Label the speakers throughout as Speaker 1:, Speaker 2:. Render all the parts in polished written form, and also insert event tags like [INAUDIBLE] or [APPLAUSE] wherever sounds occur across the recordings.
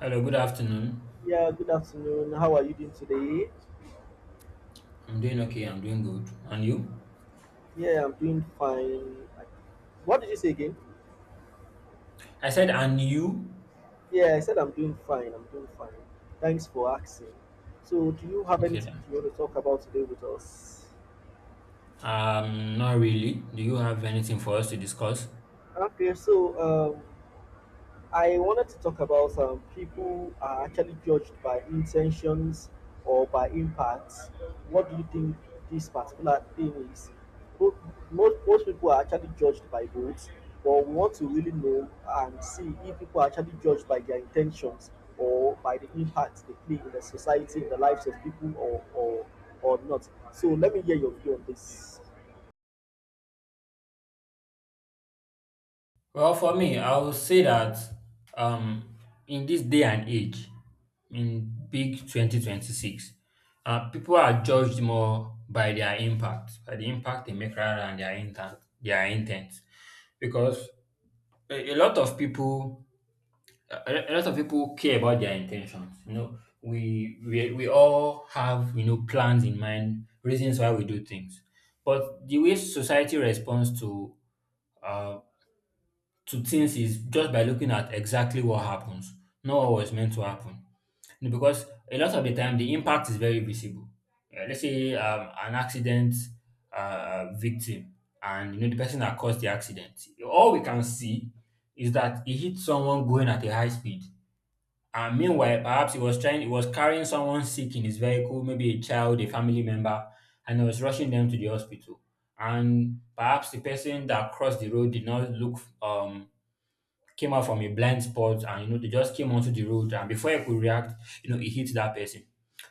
Speaker 1: Hello, good afternoon.
Speaker 2: Yeah, good afternoon. How are you doing today?
Speaker 1: I'm doing okay. I'm doing good. And you?
Speaker 2: Yeah, I'm doing fine. What did you say again?
Speaker 1: I said, and you?
Speaker 2: Yeah, I said I'm doing fine. I'm doing fine. Thanks for asking. So, do you have
Speaker 1: Okay,
Speaker 2: anything
Speaker 1: then.
Speaker 2: you want to talk about today with us?
Speaker 1: Not really. Do you have anything for us to discuss?
Speaker 2: Okay, so I wanted to talk about people are actually judged by intentions or by impacts. What do you think this particular thing is? Mo- most people are actually judged by both, but we want to really know and see if people are actually judged by their intentions or by the impact they play in the society, in the lives of people, or or not. So let me hear your view on this.
Speaker 1: Well, for me, I would say that um, in this day and age, in big 2026, people are judged more by their impact, by the impact they make rather than their intent, their intent. Because a, a lot of people a a, lot of people care about their intentions. We all have plans in mind, reasons why we do things. But the way society responds uh to things is just by looking at exactly what happens, not what was meant to happen. Because a lot of the time the impact is very visible. Let's say an accident victim, and the person that caused the accident. All we can see is that he hit someone going at a high speed, and meanwhile, perhaps he was carrying someone sick in his vehicle, maybe a child, a family member, and he was rushing them to the hospital. And perhaps the person that crossed the road did not look, came out from a blind spot, and they just came onto the road, and before he could react, he hit that person.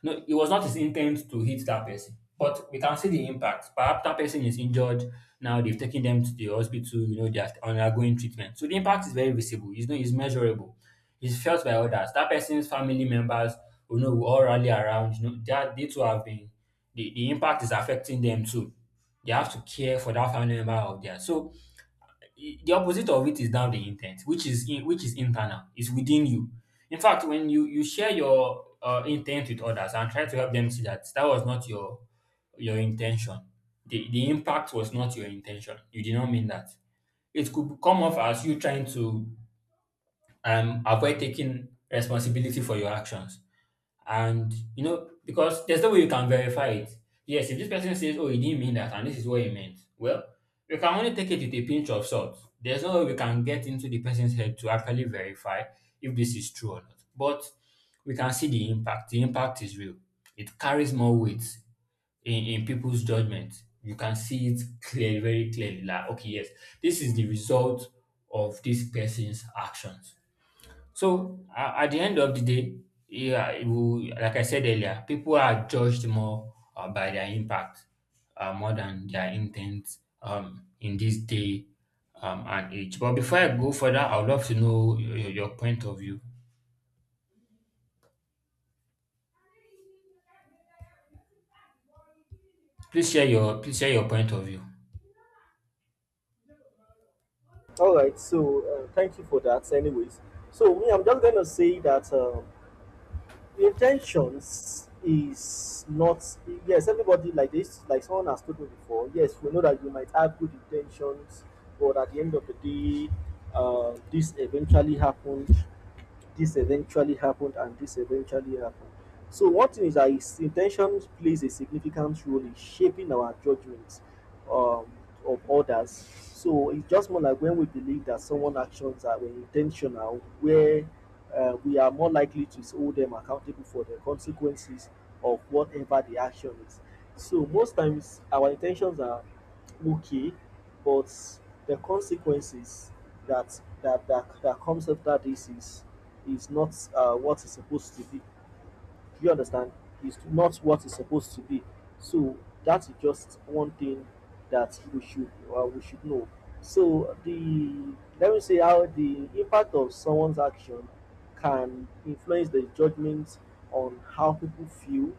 Speaker 1: No, it was not his intent to hit that person. But we can see the impact. Perhaps that person is injured. Now they've taken them to the hospital, they are undergoing treatment. So the impact is very visible, it's, no, it's measurable, it's felt by others. That person's family members, will all rally around, that they too have been, the impact is affecting them too. They have to care for that family member out there. So the opposite of it is now the intent, which is internal. It's within you. In fact, when you share your intent with others and try to help them see that that was not your, intention, the impact was not your intention. You did not mean that. It could come off as you trying to avoid taking responsibility for your actions. And because there's no way you can verify it. Yes, if this person says, oh, he didn't mean that, and this is what he meant, well, we can only take it with a pinch of salt. There's no way we can get into the person's head to actually verify if this is true or not. But we can see the impact. The impact is real. It carries more weight in people's judgment. You can see it clearly, very clearly, like, okay, yes, this is the result of this person's actions. So at the end of the day, yeah, it will, like I said earlier, people are judged more by their impact, more than their intent, in this day and age. But before I go further, I would love to know your, point of view. Please share your point of view.
Speaker 2: All right. So thank you for that. Anyways, so me, I'm just gonna say that. The intentions is not yes everybody like this, like someone has told me before, yes, we know that you might have good intentions, but at the end of the day, this eventually happened, this eventually happened, and this eventually happened. So one thing is that is intentions plays a significant role in shaping our judgments um, of others. So it's just more like when we believe that someone actions are intentional, where we are more likely to hold them accountable for the consequences of whatever the action is. So most times our intentions are okay, but the consequences that comes after this is not what is supposed to be. Do you understand? It's not what it's supposed to be. So that is just one thing that we should know. So the let me say how the impact of someone's action can influence the judgment on how people feel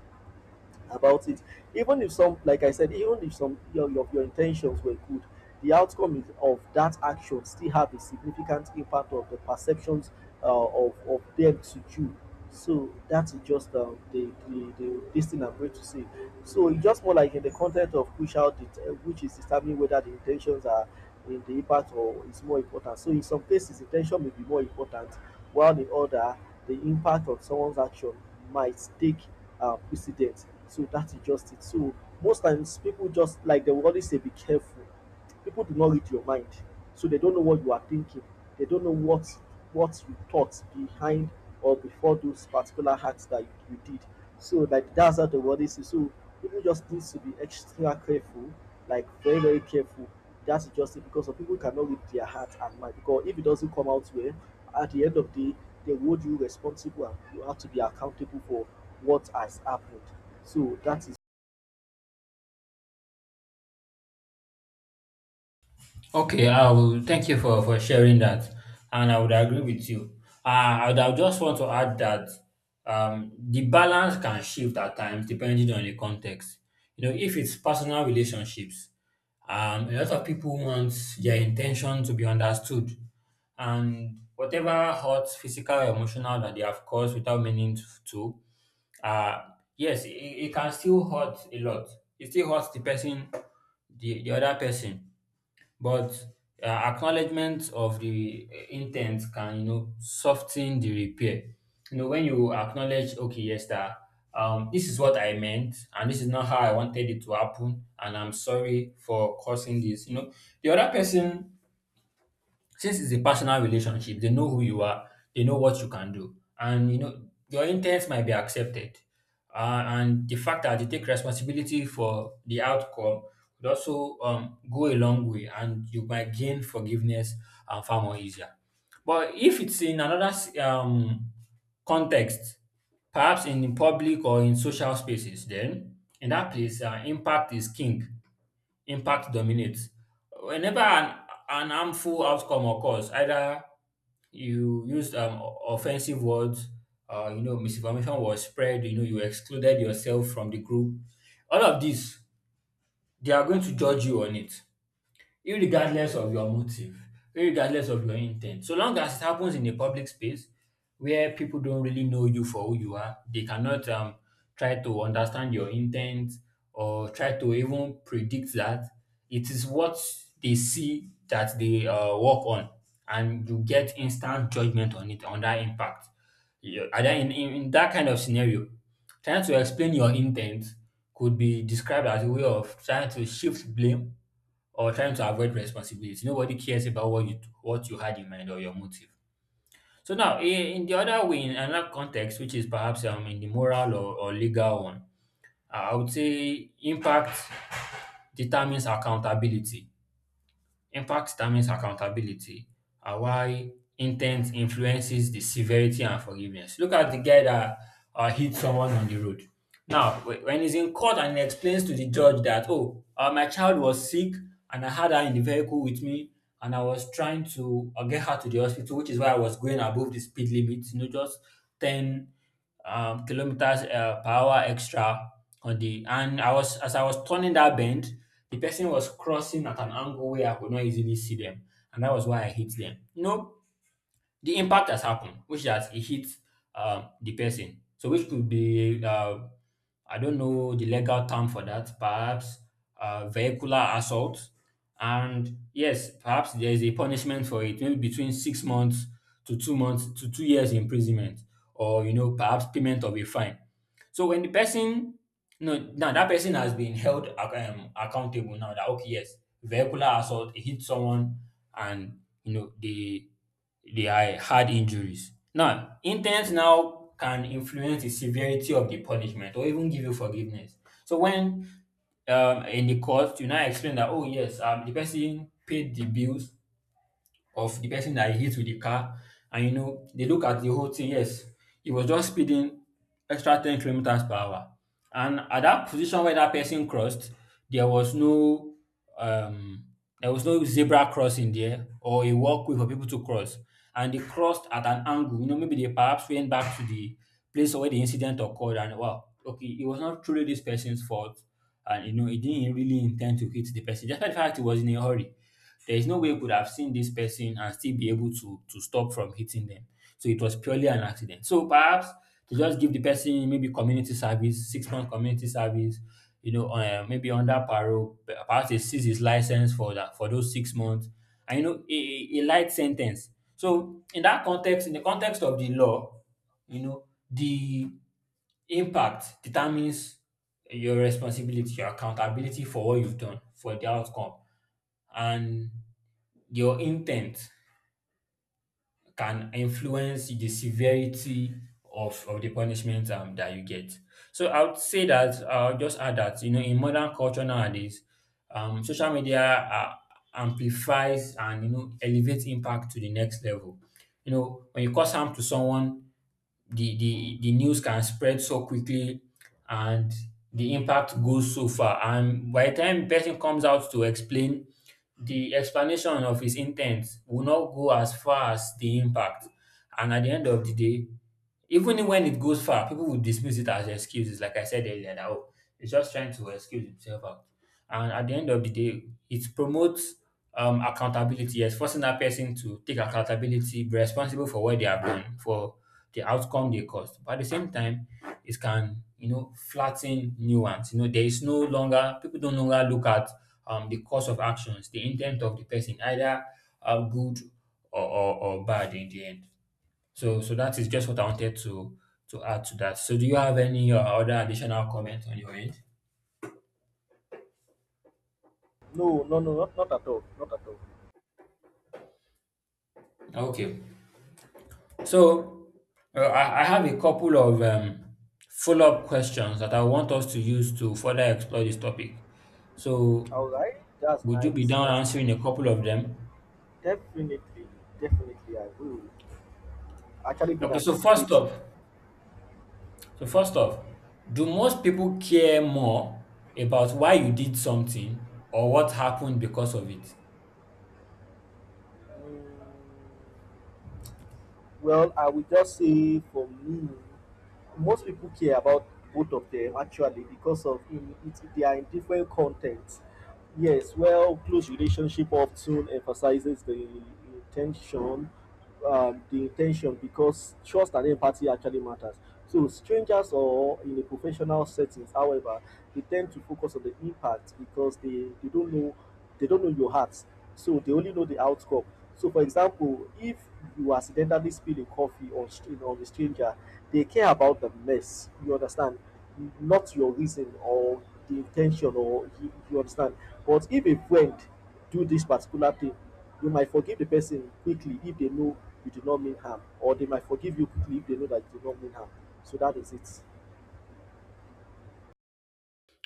Speaker 2: about it. Even if some, like I said, even if some your your intentions were good, the outcome of that action still have a significant impact of the perceptions of them to you. So that is just the, the this thing I'm going to say. So it's just more like in the content of push out, which is determining whether the intentions are in the impact or is more important. So in some cases, intention may be more important, while in other, the impact of someone's action might take precedent. So that is just it. So most times people just like they will always say, be careful. People do not read your mind, so they don't know what you are thinking. They don't know what you thought behind or before those particular acts that you did. So like that's how the world is. So people just need to be extra careful, like very careful. That's just it, because some people cannot read their heart and mind. Because if it doesn't come out well, at the end of the day, they hold you responsible and you have to be accountable for what has happened. So that is
Speaker 1: Okay, I will thank you for, sharing that, and I would agree with you. Uh, I would just want to add that the balance can shift at times depending on the context. If it's personal relationships, a lot of people want their intention to be understood, and whatever hurt, physical, or emotional that they have caused without meaning to, uh, yes, it can still hurt a lot. It still hurts the person, the other person, but acknowledgement of the intent can soften the repair. When you acknowledge, okay, yes, that this is what I meant and this is not how I wanted it to happen, and I'm sorry for causing this. The other person, since it's a personal relationship, they know who you are. They know what you can do, and your intents might be accepted. And the fact that they take responsibility for the outcome would also go a long way, and you might gain forgiveness and far more easier. But if it's in another context, perhaps in public or in social spaces, then in that place, impact is king. Impact dominates. Whenever an harmful outcome occurs, either you used offensive words, misinformation was spread, you excluded yourself from the group. All of these, they are going to judge you on it, irregardless of your motive, irregardless of your intent. So long as it happens in a public space where people don't really know you for who you are, they cannot try to understand your intent or try to even predict that. It is what they see that they work on, and you get instant judgment on it, on that impact. Yeah, and then in that kind of scenario, trying to explain your intent could be described as a way of trying to shift blame or trying to avoid responsibility. Nobody cares about what you had in mind or your motive. So now, in the other way, in another context, which is perhaps in the moral or legal one, I would say impact determines accountability. Impact determines accountability, and while intent influences the severity and forgiveness. Look at the guy that hit someone on the road. Now, when he's in court and he explains to the judge that, oh, my child was sick and I had her in the vehicle with me, and I was trying to get her to the hospital, which is why I was going above the speed limit, just 10 kilometers per hour extra, on the and I was as I was turning that bend, the person was crossing at an angle where I could not easily see them, and that was why I hit them. No, the impact has happened, which has it hit the person. So, which could be, I don't know the legal term for that, perhaps vehicular assault. And yes, perhaps there is a punishment for it, maybe between 6 months to 2 months to 2 years imprisonment, or perhaps payment of a fine. So when the person, no, now that person has been held accountable. Now that, okay, yes, vehicular assault, it hit someone, and they are had injuries. Now, intent now can influence the severity of the punishment or even give you forgiveness. So when in the court, you now explain that, oh yes, the person paid the bills of the person that he hit with the car. And they look at the whole thing. Yes, he was just speeding extra 10 kilometers per hour. And at that position where that person crossed, there was um there was no zebra crossing there or a walkway for people to cross. And they crossed at an angle. Maybe they perhaps went back to the place where the incident occurred, and wow, okay, it was not truly this person's fault. And he didn't really intend to hit the person. Despite the fact he was in a hurry. There is no way you could have seen this person and still be able to stop from hitting them. So it was purely an accident. So perhaps to just give the person maybe community service, 6 month community service, maybe under parole, perhaps they seize his license for those 6 months, and a light sentence. So in that context, in the context of the law, the impact determines your responsibility, your accountability for what you've done, for the outcome, and your intent can influence the severity of the punishment that you get. So I would say that I'll just add that in modern culture nowadays, social media amplifies and elevates impact to the next level. When you cause harm to someone, the news can spread so quickly, and the impact goes so far. And by the time person comes out to explain, the explanation of his intent will not go as far as the impact. And at the end of the day, even when it goes far, people will dismiss it as excuses, like I said earlier, that, oh, he's just trying to excuse himself out. And at the end of the day, it promotes accountability, yes, forcing that person to take accountability, be responsible for what they have done, for the outcome they caused. But at the same time, it can flatten nuance. You know, there is no longer, people don't longer look at the course of actions, the intent of the person, either good or bad in the end. So that is just what I wanted to add to that. So, do you have any other additional comment on your end?
Speaker 2: no, no, no, not, not at all, not at all.
Speaker 1: Okay. So, I have a couple of follow up questions that I want us to use to further explore this topic. So,
Speaker 2: All right, that's
Speaker 1: would you be
Speaker 2: nice,
Speaker 1: down
Speaker 2: that's
Speaker 1: answering a
Speaker 2: nice.
Speaker 1: couple of them?
Speaker 2: Definitely, definitely, I will. Actually, been
Speaker 1: Okay,
Speaker 2: anticipating.
Speaker 1: so first off, do most people care more about why you did something or what happened because of it?
Speaker 2: Mm. Well, I would just say for me, most people care about both of them actually because of in it, they are in different contexts. Yes, well, close relationship often emphasizes intention, the intention because trust and empathy actually matters. So strangers or in a professional settings, however, they tend to focus on the impact because they don't know they don't know your heart. So they only know the outcome. So, for example, if you accidentally spill a coffee on, on a stranger, they care about the mess. You understand? Not your reason or the intention, or you understand. But if a friend do this particular thing, you might forgive the person quickly if they know you did not mean harm, or they might forgive you quickly if they know that you did not mean harm. So that is it.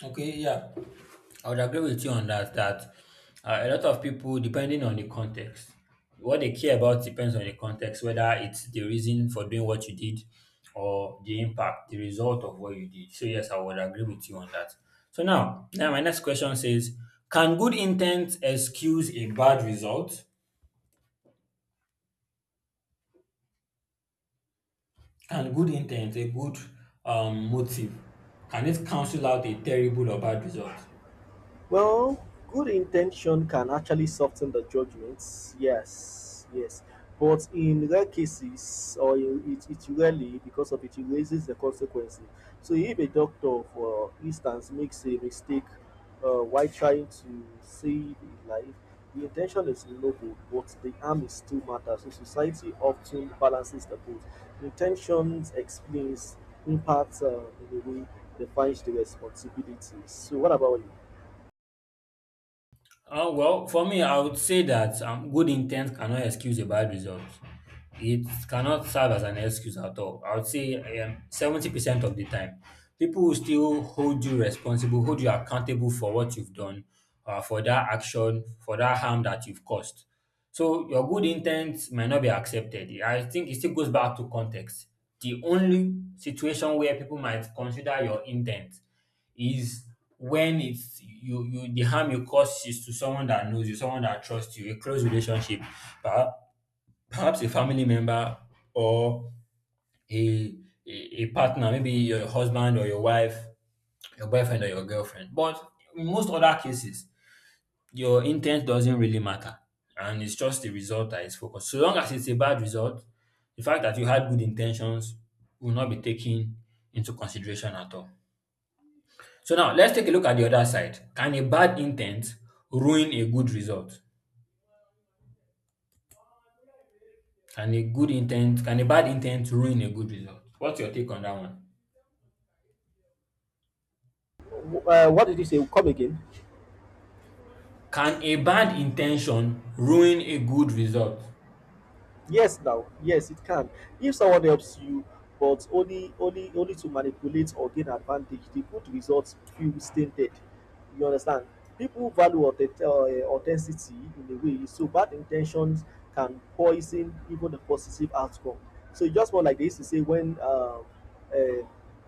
Speaker 1: Okay, yeah. I would agree with you on that. That a lot of people, depending on the context, what they care about depends on the context, whether it's the reason for doing what you did or the impact, the result of what you did. So yes, I would agree with you on that. So now, my next question says, can good intent excuse a bad result? Can good intent, a good motive, can it cancel out a terrible or bad result?
Speaker 2: Well, good intention can actually soften the judgments. Yes, yes. But in rare cases, or in, it rarely, because of it, it raises the consequences. So if a doctor, for instance, makes a mistake while trying to save a life, the intention is noble, but the harm is still matters. So society often balances the both. Intentions explains, impacts in a way, defines the responsibilities. So what about you?
Speaker 1: Well, for me, I would say that good intent cannot excuse a bad result. It cannot serve as an excuse at all. I would say 70% of the time, people will still hold you responsible, hold you accountable for what you've done, for that action, for that harm that you've caused. So your good intent might not be accepted. I think it still goes back to context. The only situation where people might consider your intent is when it's you you the harm you cause is to someone that knows you, someone that trusts you, a close relationship, perha- perhaps a family member or a a, a partner, maybe your husband or your wife, your boyfriend or your girlfriend. But in most other cases, your intent doesn't really matter, and it's just the result that is focused. So long as it's a bad result, the fact that you had good intentions will not be taken into consideration at all. So now let's take a look at the other side. Can a bad intent ruin a good result? Can a good intent can a bad intent ruin a good result? What's your take on that one?
Speaker 2: What did you say? Come again?
Speaker 1: Can a bad intention ruin a good result?
Speaker 2: Yes, now, yes, it can. If someone helps you, but only only to manipulate or gain advantage, the good results feel stinted. You understand? People value authenticity in a way, so bad intentions can poison even the positive outcome. So it's just more like they used to say when uh,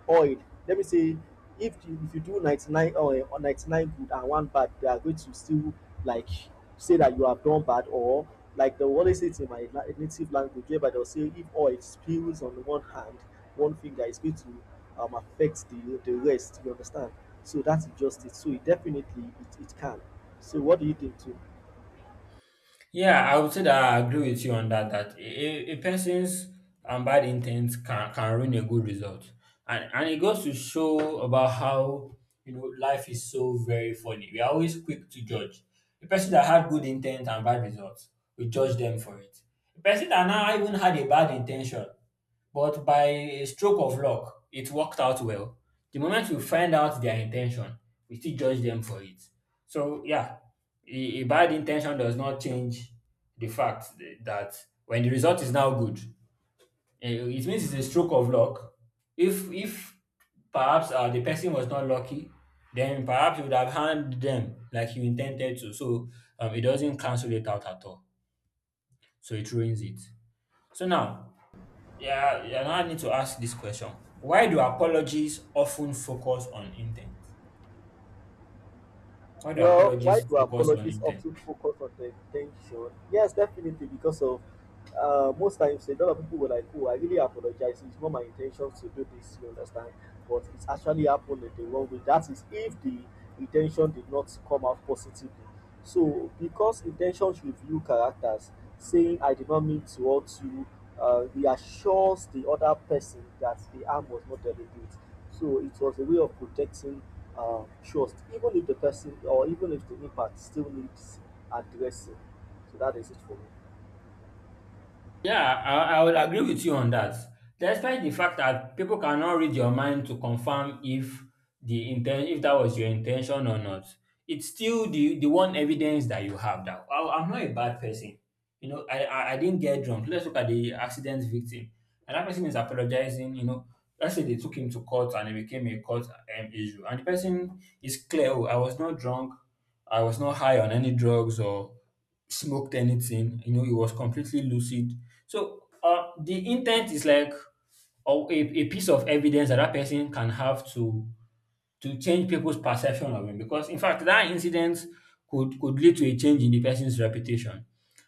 Speaker 2: oil, let me say, if you do 99 oil or 99 good and one bad, they are going to still, like, say that you have done bad, or like they will always say it in my native language, whereby they'll say if oil spills on one hand, one finger, it's going to affect the rest, you understand. So that's just it. So it definitely it can. So what do you think too?
Speaker 1: Yeah, I would say that I agree with you on that. That a person's bad intent can ruin a good result, and it goes to show about how, you know, life is so very funny. We are always quick to judge a person that had good intent and bad results. We judge them for it. A person that now even had a bad intention but by a stroke of luck, it worked out well. The moment we find out their intention, we still judge them for it. So, yeah, a bad intention does not change the fact that when the result is now good, eh, it means it's a stroke of luck. If perhaps the person was not lucky, then perhaps you would have harmed them like you intended to. So it doesn't cancel it out at all. So it ruins it. So now, yeah, yeah, now I need to ask this question. Why do apologies often focus on intent? Why do
Speaker 2: Well, why
Speaker 1: apologies
Speaker 2: do
Speaker 1: focus on
Speaker 2: apologies
Speaker 1: intent?
Speaker 2: often focus on the intention? Yes, definitely, because of most times a lot of people were like, "Oh, I really apologize. It's not my intention to do this." You understand? But it's actually happened in the wrong way. That is, if the intention did not come out positively. So because intentions reveal characters, saying I did not mean to hurt you reassures the other person that the harm was not deliberate. So it was a way of protecting trust, even if the person or even if the impact still needs addressing. So that is it for me.
Speaker 1: Yeah, I will agree with you on that. Despite the fact that people cannot read your mind to confirm if if that was your intention or not, it's still the one evidence that you have that "Oh, I'm not a bad person. You know, I didn't get drunk." Let's look at the accident victim. And that person is apologizing, you know. Let's say they took him to court and it became a court issue. And the person is clear, oh, I was not drunk. I was not high on any drugs or smoked anything. You know, it was completely lucid. So the intent is like a piece of evidence that that person can have to change people's perception of him because in fact that incident could lead to a change in the person's reputation,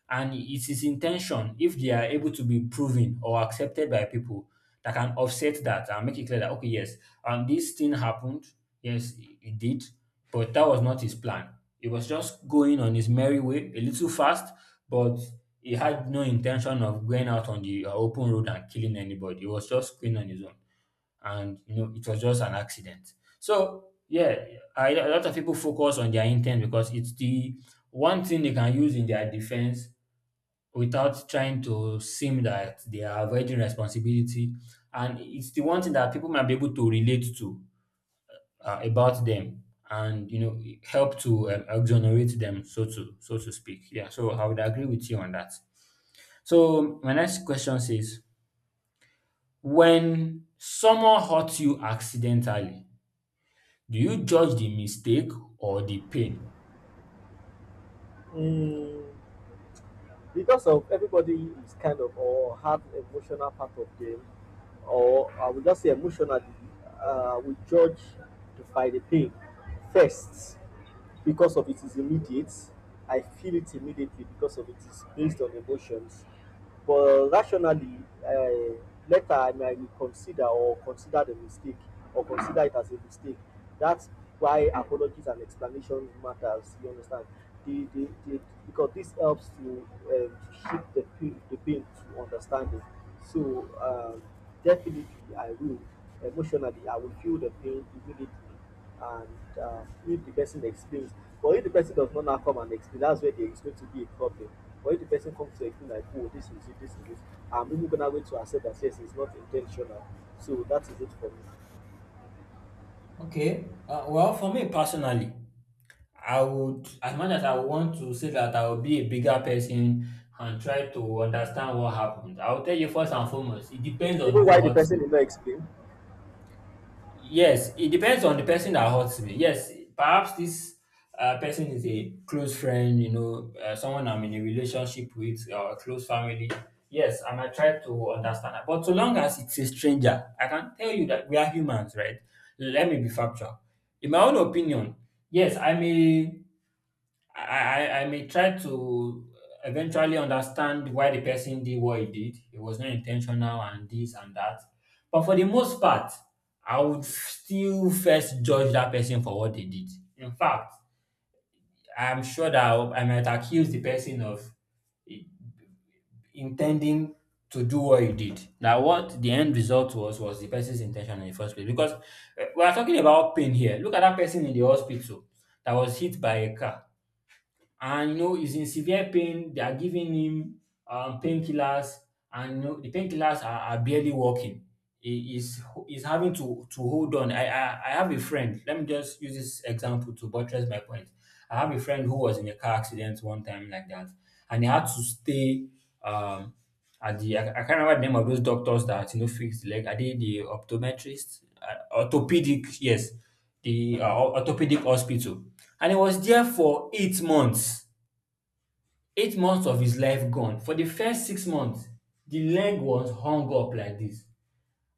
Speaker 1: and it is intention if they are able to be proven or accepted by people that can offset that and make it clear that okay, yes, this thing happened, yes it did, but that was not his plan. He was just going on his merry way a little fast, but he had no intention of going out on the open road and killing anybody. He was just going on his own, and you know, it was just an accident. So yeah, I, a lot of people focus on their intent because it's the one thing they can use in their defense without trying to seem that they are avoiding responsibility, and it's the one thing that people might be able to relate to about them, and you know, help to exonerate them, so to speak. Yeah, so I would agree with you on that. So my next question says, when someone hurts you accidentally, do you judge the mistake or the pain?
Speaker 2: Mm, because of everybody is kind of or have emotional part of them, or I would just say emotionally, we judge by the pain first because of it is immediate. I feel it immediately because of it is based on emotions. But rationally, uh, later I might reconsider or consider the mistake or consider it as a mistake. That's why apologies and explanation matters. You understand? The, the, the, because this helps to shift the pain to understanding. So definitely, I will emotionally I will feel the pain immediately and, if the person explains, but if the person does not now come and explain, that's where there is going to be a problem. But if the person comes to explain like oh this is it this is it, I'm even gonna wait to accept that yes it's not intentional. So that is it for me.
Speaker 1: Okay. Well, for me personally, I would, as much as I want to say that I will be a bigger person and try to understand what happened, I will tell you first and foremost, it depends on
Speaker 2: Even why
Speaker 1: who
Speaker 2: the
Speaker 1: hurts.
Speaker 2: person did not explain.
Speaker 1: Yes, it depends on the person that hurts me. Yes, perhaps this person is a close friend, you know, someone I'm in a relationship with, or a close family. Yes, I might try to understand that. But so long as it's a stranger, I can tell you that we are humans, right? Let me be factual. In my own opinion, yes, I may, I may try to eventually understand why the person did what he did. It was not intentional and this and that. But for the most part, I would still first judge that person for what they did. In fact, I'm sure that I might accuse the person of i- intending to do what he did. Now, what the end result was the person's intention in the first place. Because we are talking about pain here. Look at that person in the hospital that was hit by a car, and you know he's in severe pain. They are giving him painkillers, and you know, the painkillers are barely working. He is having to hold on. I have a friend. Let me just use this example to buttress my point. I have a friend who was in a car accident one time like that, and he had to stay. Um, at the I can't remember the name of those doctors that, you know, fix the leg. Are they the optometrist? Orthopedic, yes. The orthopedic hospital. And he was there for eight months. Eight months of his life gone. For the first six months, the leg was hung up like this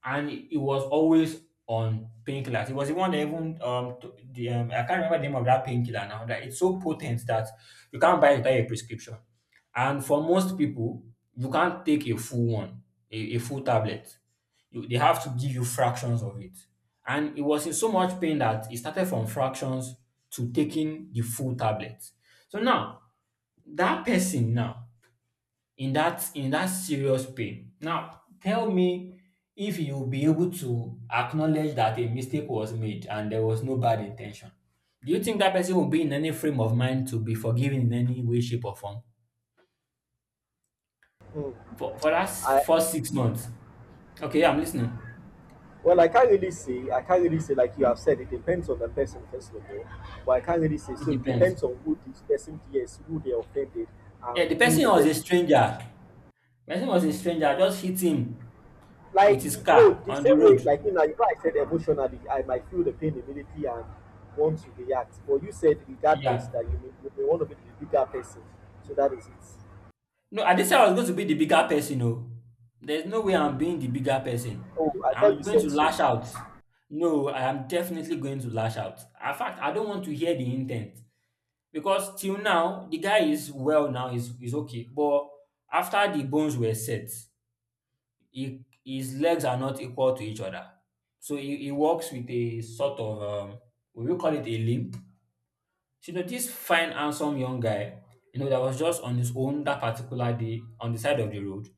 Speaker 1: and he was always on painkillers. He was the one that even t- the I can't remember the name of that painkiller now. That it's so potent that you can't buy it without a prescription. And for most people, you can't take a full one, a full tablet. They have to give you fractions of it. And it was in so much pain that it started from fractions to taking the full tablet. So now that person now in that serious pain. Now, tell me if you'll be able to acknowledge that a mistake was made and there was no bad intention. Do you think that person will be in any frame of mind to be forgiven in any way, shape, or form?
Speaker 2: Mm,
Speaker 1: For that
Speaker 2: I
Speaker 1: first six months. Okay, I'm listening.
Speaker 2: well I can't really say, I can't really say, like you have said, it depends on the person first of all, but I can't really say.
Speaker 1: It
Speaker 2: So it
Speaker 1: depends.
Speaker 2: depends on who this person is, who they offended
Speaker 1: Yeah,
Speaker 2: and
Speaker 1: the
Speaker 2: who
Speaker 1: person
Speaker 2: the
Speaker 1: was a
Speaker 2: person.
Speaker 1: stranger. Person was a stranger. I just hit him with
Speaker 2: Like
Speaker 1: his
Speaker 2: you know,
Speaker 1: car
Speaker 2: the
Speaker 1: on the
Speaker 2: same way
Speaker 1: road.
Speaker 2: like you know, I said emotionally, I might feel the pain immediately and want to react. But you said regardless
Speaker 1: Yeah.
Speaker 2: that you may want to be the bigger person. So that is it.
Speaker 1: No, I didn't say I was going to be the bigger person, no. There's no way I'm being the bigger person.
Speaker 2: Oh, I thought
Speaker 1: I'm
Speaker 2: you
Speaker 1: going to
Speaker 2: said so.
Speaker 1: lash out. No, I am definitely going to lash out. In fact, I don't want to hear the intent because till now the guy is well now, he's okay. But after the bones were set, he, his legs are not equal to each other. So he walks with a sort of, we will call it a limp. So, you know, this fine, handsome young guy, you know, that was just on his own that particular day on the side of the road.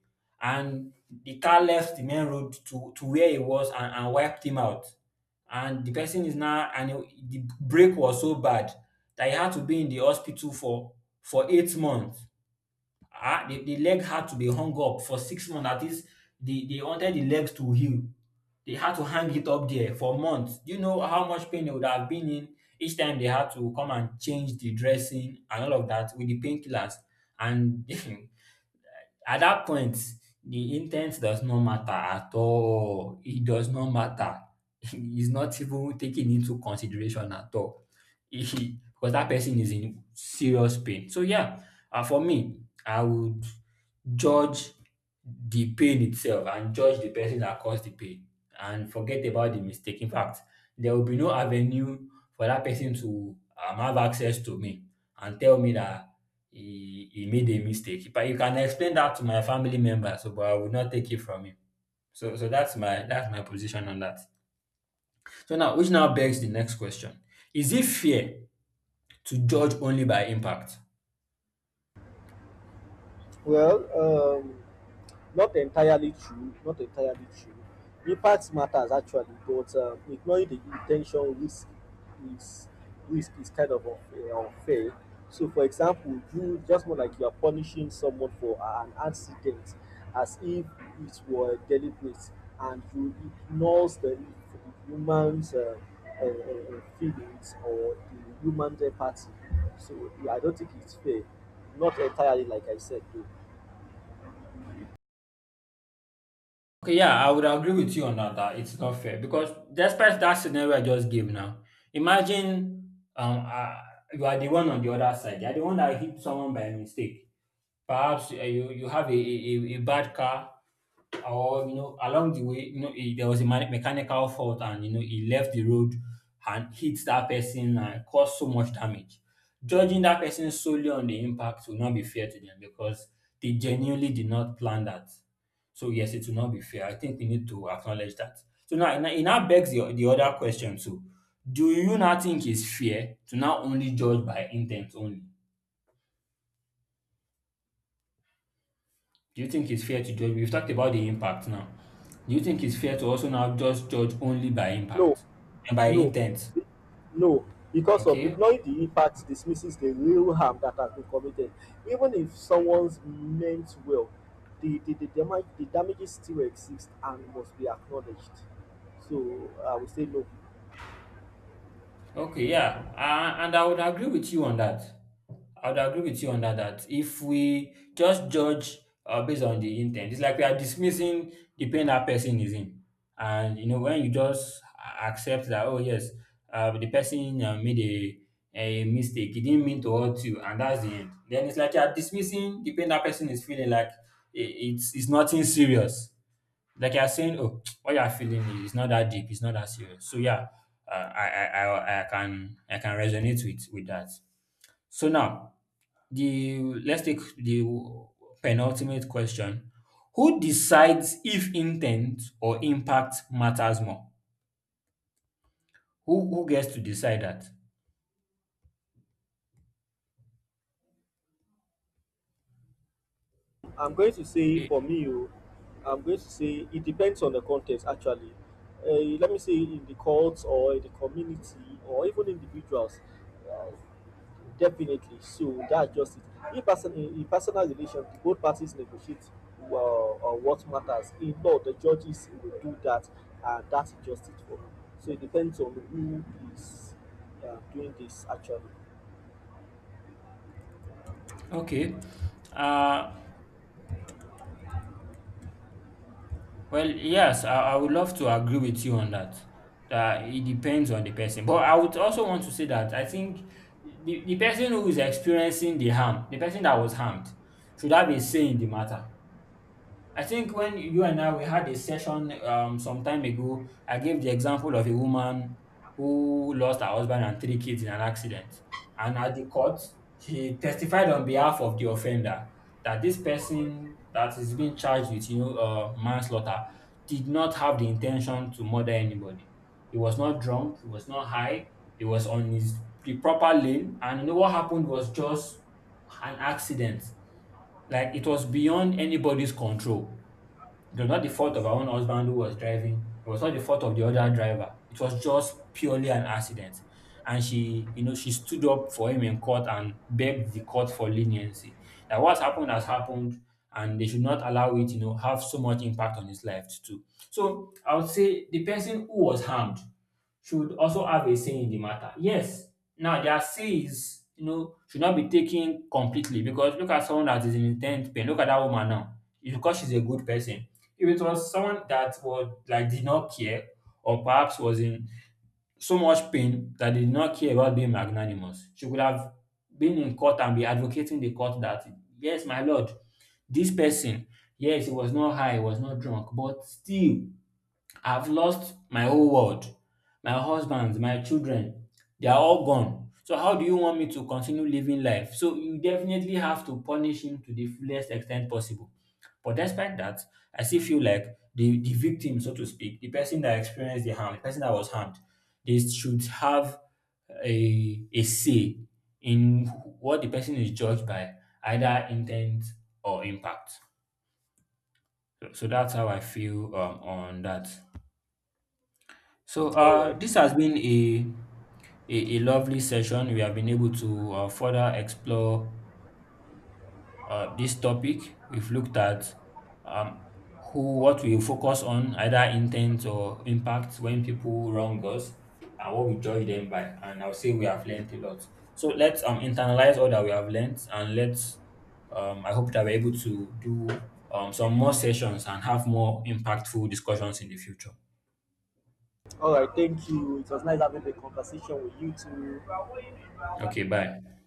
Speaker 1: And the car left the main road to where he was and wiped him out. And the person is now, and the break was so bad that he had to be in the hospital for 8 months. The the leg had to be hung up for 6 months. At least they wanted the legs to heal. They had to hang it up there for months. Do you know how much pain they would have been in each time they had to come and change the dressing and all of that with the painkillers? And [LAUGHS] at that point, the intent does not matter at all. It does not matter. [LAUGHS] It's not even taken into consideration at all. [LAUGHS] Because that person is in serious pain. So, yeah, for me, I would judge the pain itself and judge the person that caused the pain and forget about the mistake. In fact, there will be no avenue for that person to have access to me and tell me that he made a mistake. But you can explain that to my family members, so, but I will not take it from him. So that's my position on that. So now, which now begs the next question: Is it fair to judge only by impact?
Speaker 2: Well, um, not entirely true. Not entirely true. Impact matters actually, but ignoring the intention is risk is kind of unfair. Unfair. So, for example, you just more like you are punishing someone for an accident as if it were deliberate, and you ignores the human's feelings or the human's empathy. So, yeah, I don't think it's fair. Not entirely, like I said, though.
Speaker 1: Okay, yeah, I would agree with you on that, that it's not fair because despite that scenario I just gave now, imagine you are the one on the other side, you are the one that hit someone by mistake. Perhaps you have a bad car or you know along the way you know there was a mechanical fault and you know he left the road and hit that person and caused so much damage. Judging that person solely on the impact will not be fair to them because they genuinely did not plan that. So yes, it will not be fair. I think we need to acknowledge that. So now it now it now begs the other question too. Do you now think it's fair to now only judge by intent only? Do you think it's fair to judge? We've talked about the impact now. Do you think it's fair to also now just judge only by
Speaker 2: No,
Speaker 1: impact and by
Speaker 2: no,
Speaker 1: intent?
Speaker 2: be- no, because of
Speaker 1: Okay,
Speaker 2: ignoring the impact dismisses the real harm that has been committed. Even if someone's meant well, damage, the damages still exist and must be acknowledged. So I would say no.
Speaker 1: Okay, yeah, and I would agree with you on that. I would agree with you on that, that if we just judge based on the intent, it's like we are dismissing the pain that person is in. And you know, when you just accept that, oh yes, the person made a mistake, he didn't mean to hurt you, and that's the end. Then it's like you are dismissing the pain that person is feeling, like. It's nothing serious, like you're saying, oh, what you're feeling is not that deep, it's not that serious. So yeah, I can I can resonate with that. So now the let's take the penultimate question: Who decides if intent or impact matters more? Who gets to decide that?
Speaker 2: I'm going to say
Speaker 1: Eh,
Speaker 2: for me, oh, I'm going to say it depends on the context actually. Uh, Let me say in the courts or in the community or even individuals, uh, definitely. So that's just it. In personal relations, both parties negotiate what matters. In law, the judges will do that, and that's just it for me. So it depends on who is doing this actually.
Speaker 1: okay. Uh, well, yes, I would love to agree with you on that, that it depends on the person. But I would also want to say that I think the person who is experiencing the harm, the person that was harmed, should have a say in the matter. I think when you and I we had a session some time ago, I gave the example of a woman who lost her husband and three kids in an accident. And at the court, she testified on behalf of the offender, that this person that is being charged with, you know, manslaughter, did not have the intention to murder anybody. He was not drunk. He was not high. He was on his the proper lane. And you know what happened was just an accident. Like it was beyond anybody's control. It was not the fault of our own husband who was driving. It was not the fault of the other driver. It was just purely an accident. And she, you know, she stood up for him in court and begged the court for leniency. That what's happened has happened, and they should not allow it, you know, have so much impact on his life too. So I would say the person who was harmed should also have a say in the matter. Yes, now their say is, you know, should not be taken completely, because look at someone that is in intense pain. Look at that woman now. It's because she's a good person. If it was someone that was like did not care or perhaps was in so much pain that they did not care about being magnanimous, she could have been in court and be advocating the court that yes, my lord, this person, yes, he was not high, he was not drunk, but still I've lost my whole world, my husband, my children, they are all gone. So how do you want me to continue living life? So you definitely have to punish him to the fullest extent possible. But despite that, I still feel like the victim, so to speak, the person that experienced the harm, the person that was harmed, they should have a say in what the person is judged by, either intent or impact. So that's how I feel on that. So
Speaker 2: All right.
Speaker 1: this has been a lovely session. We have been able to further explore this topic. We've looked at um, who what we focus on, either intent or impact, when people wrong us, and what we judge them by. And I'll say we have learned a lot. So let's internalize all that we have learned, and let's. I hope that we're able to do some more sessions and have more impactful discussions in the future.
Speaker 2: All right. Thank you. It was nice having the conversation with you too.
Speaker 1: Okay, bye.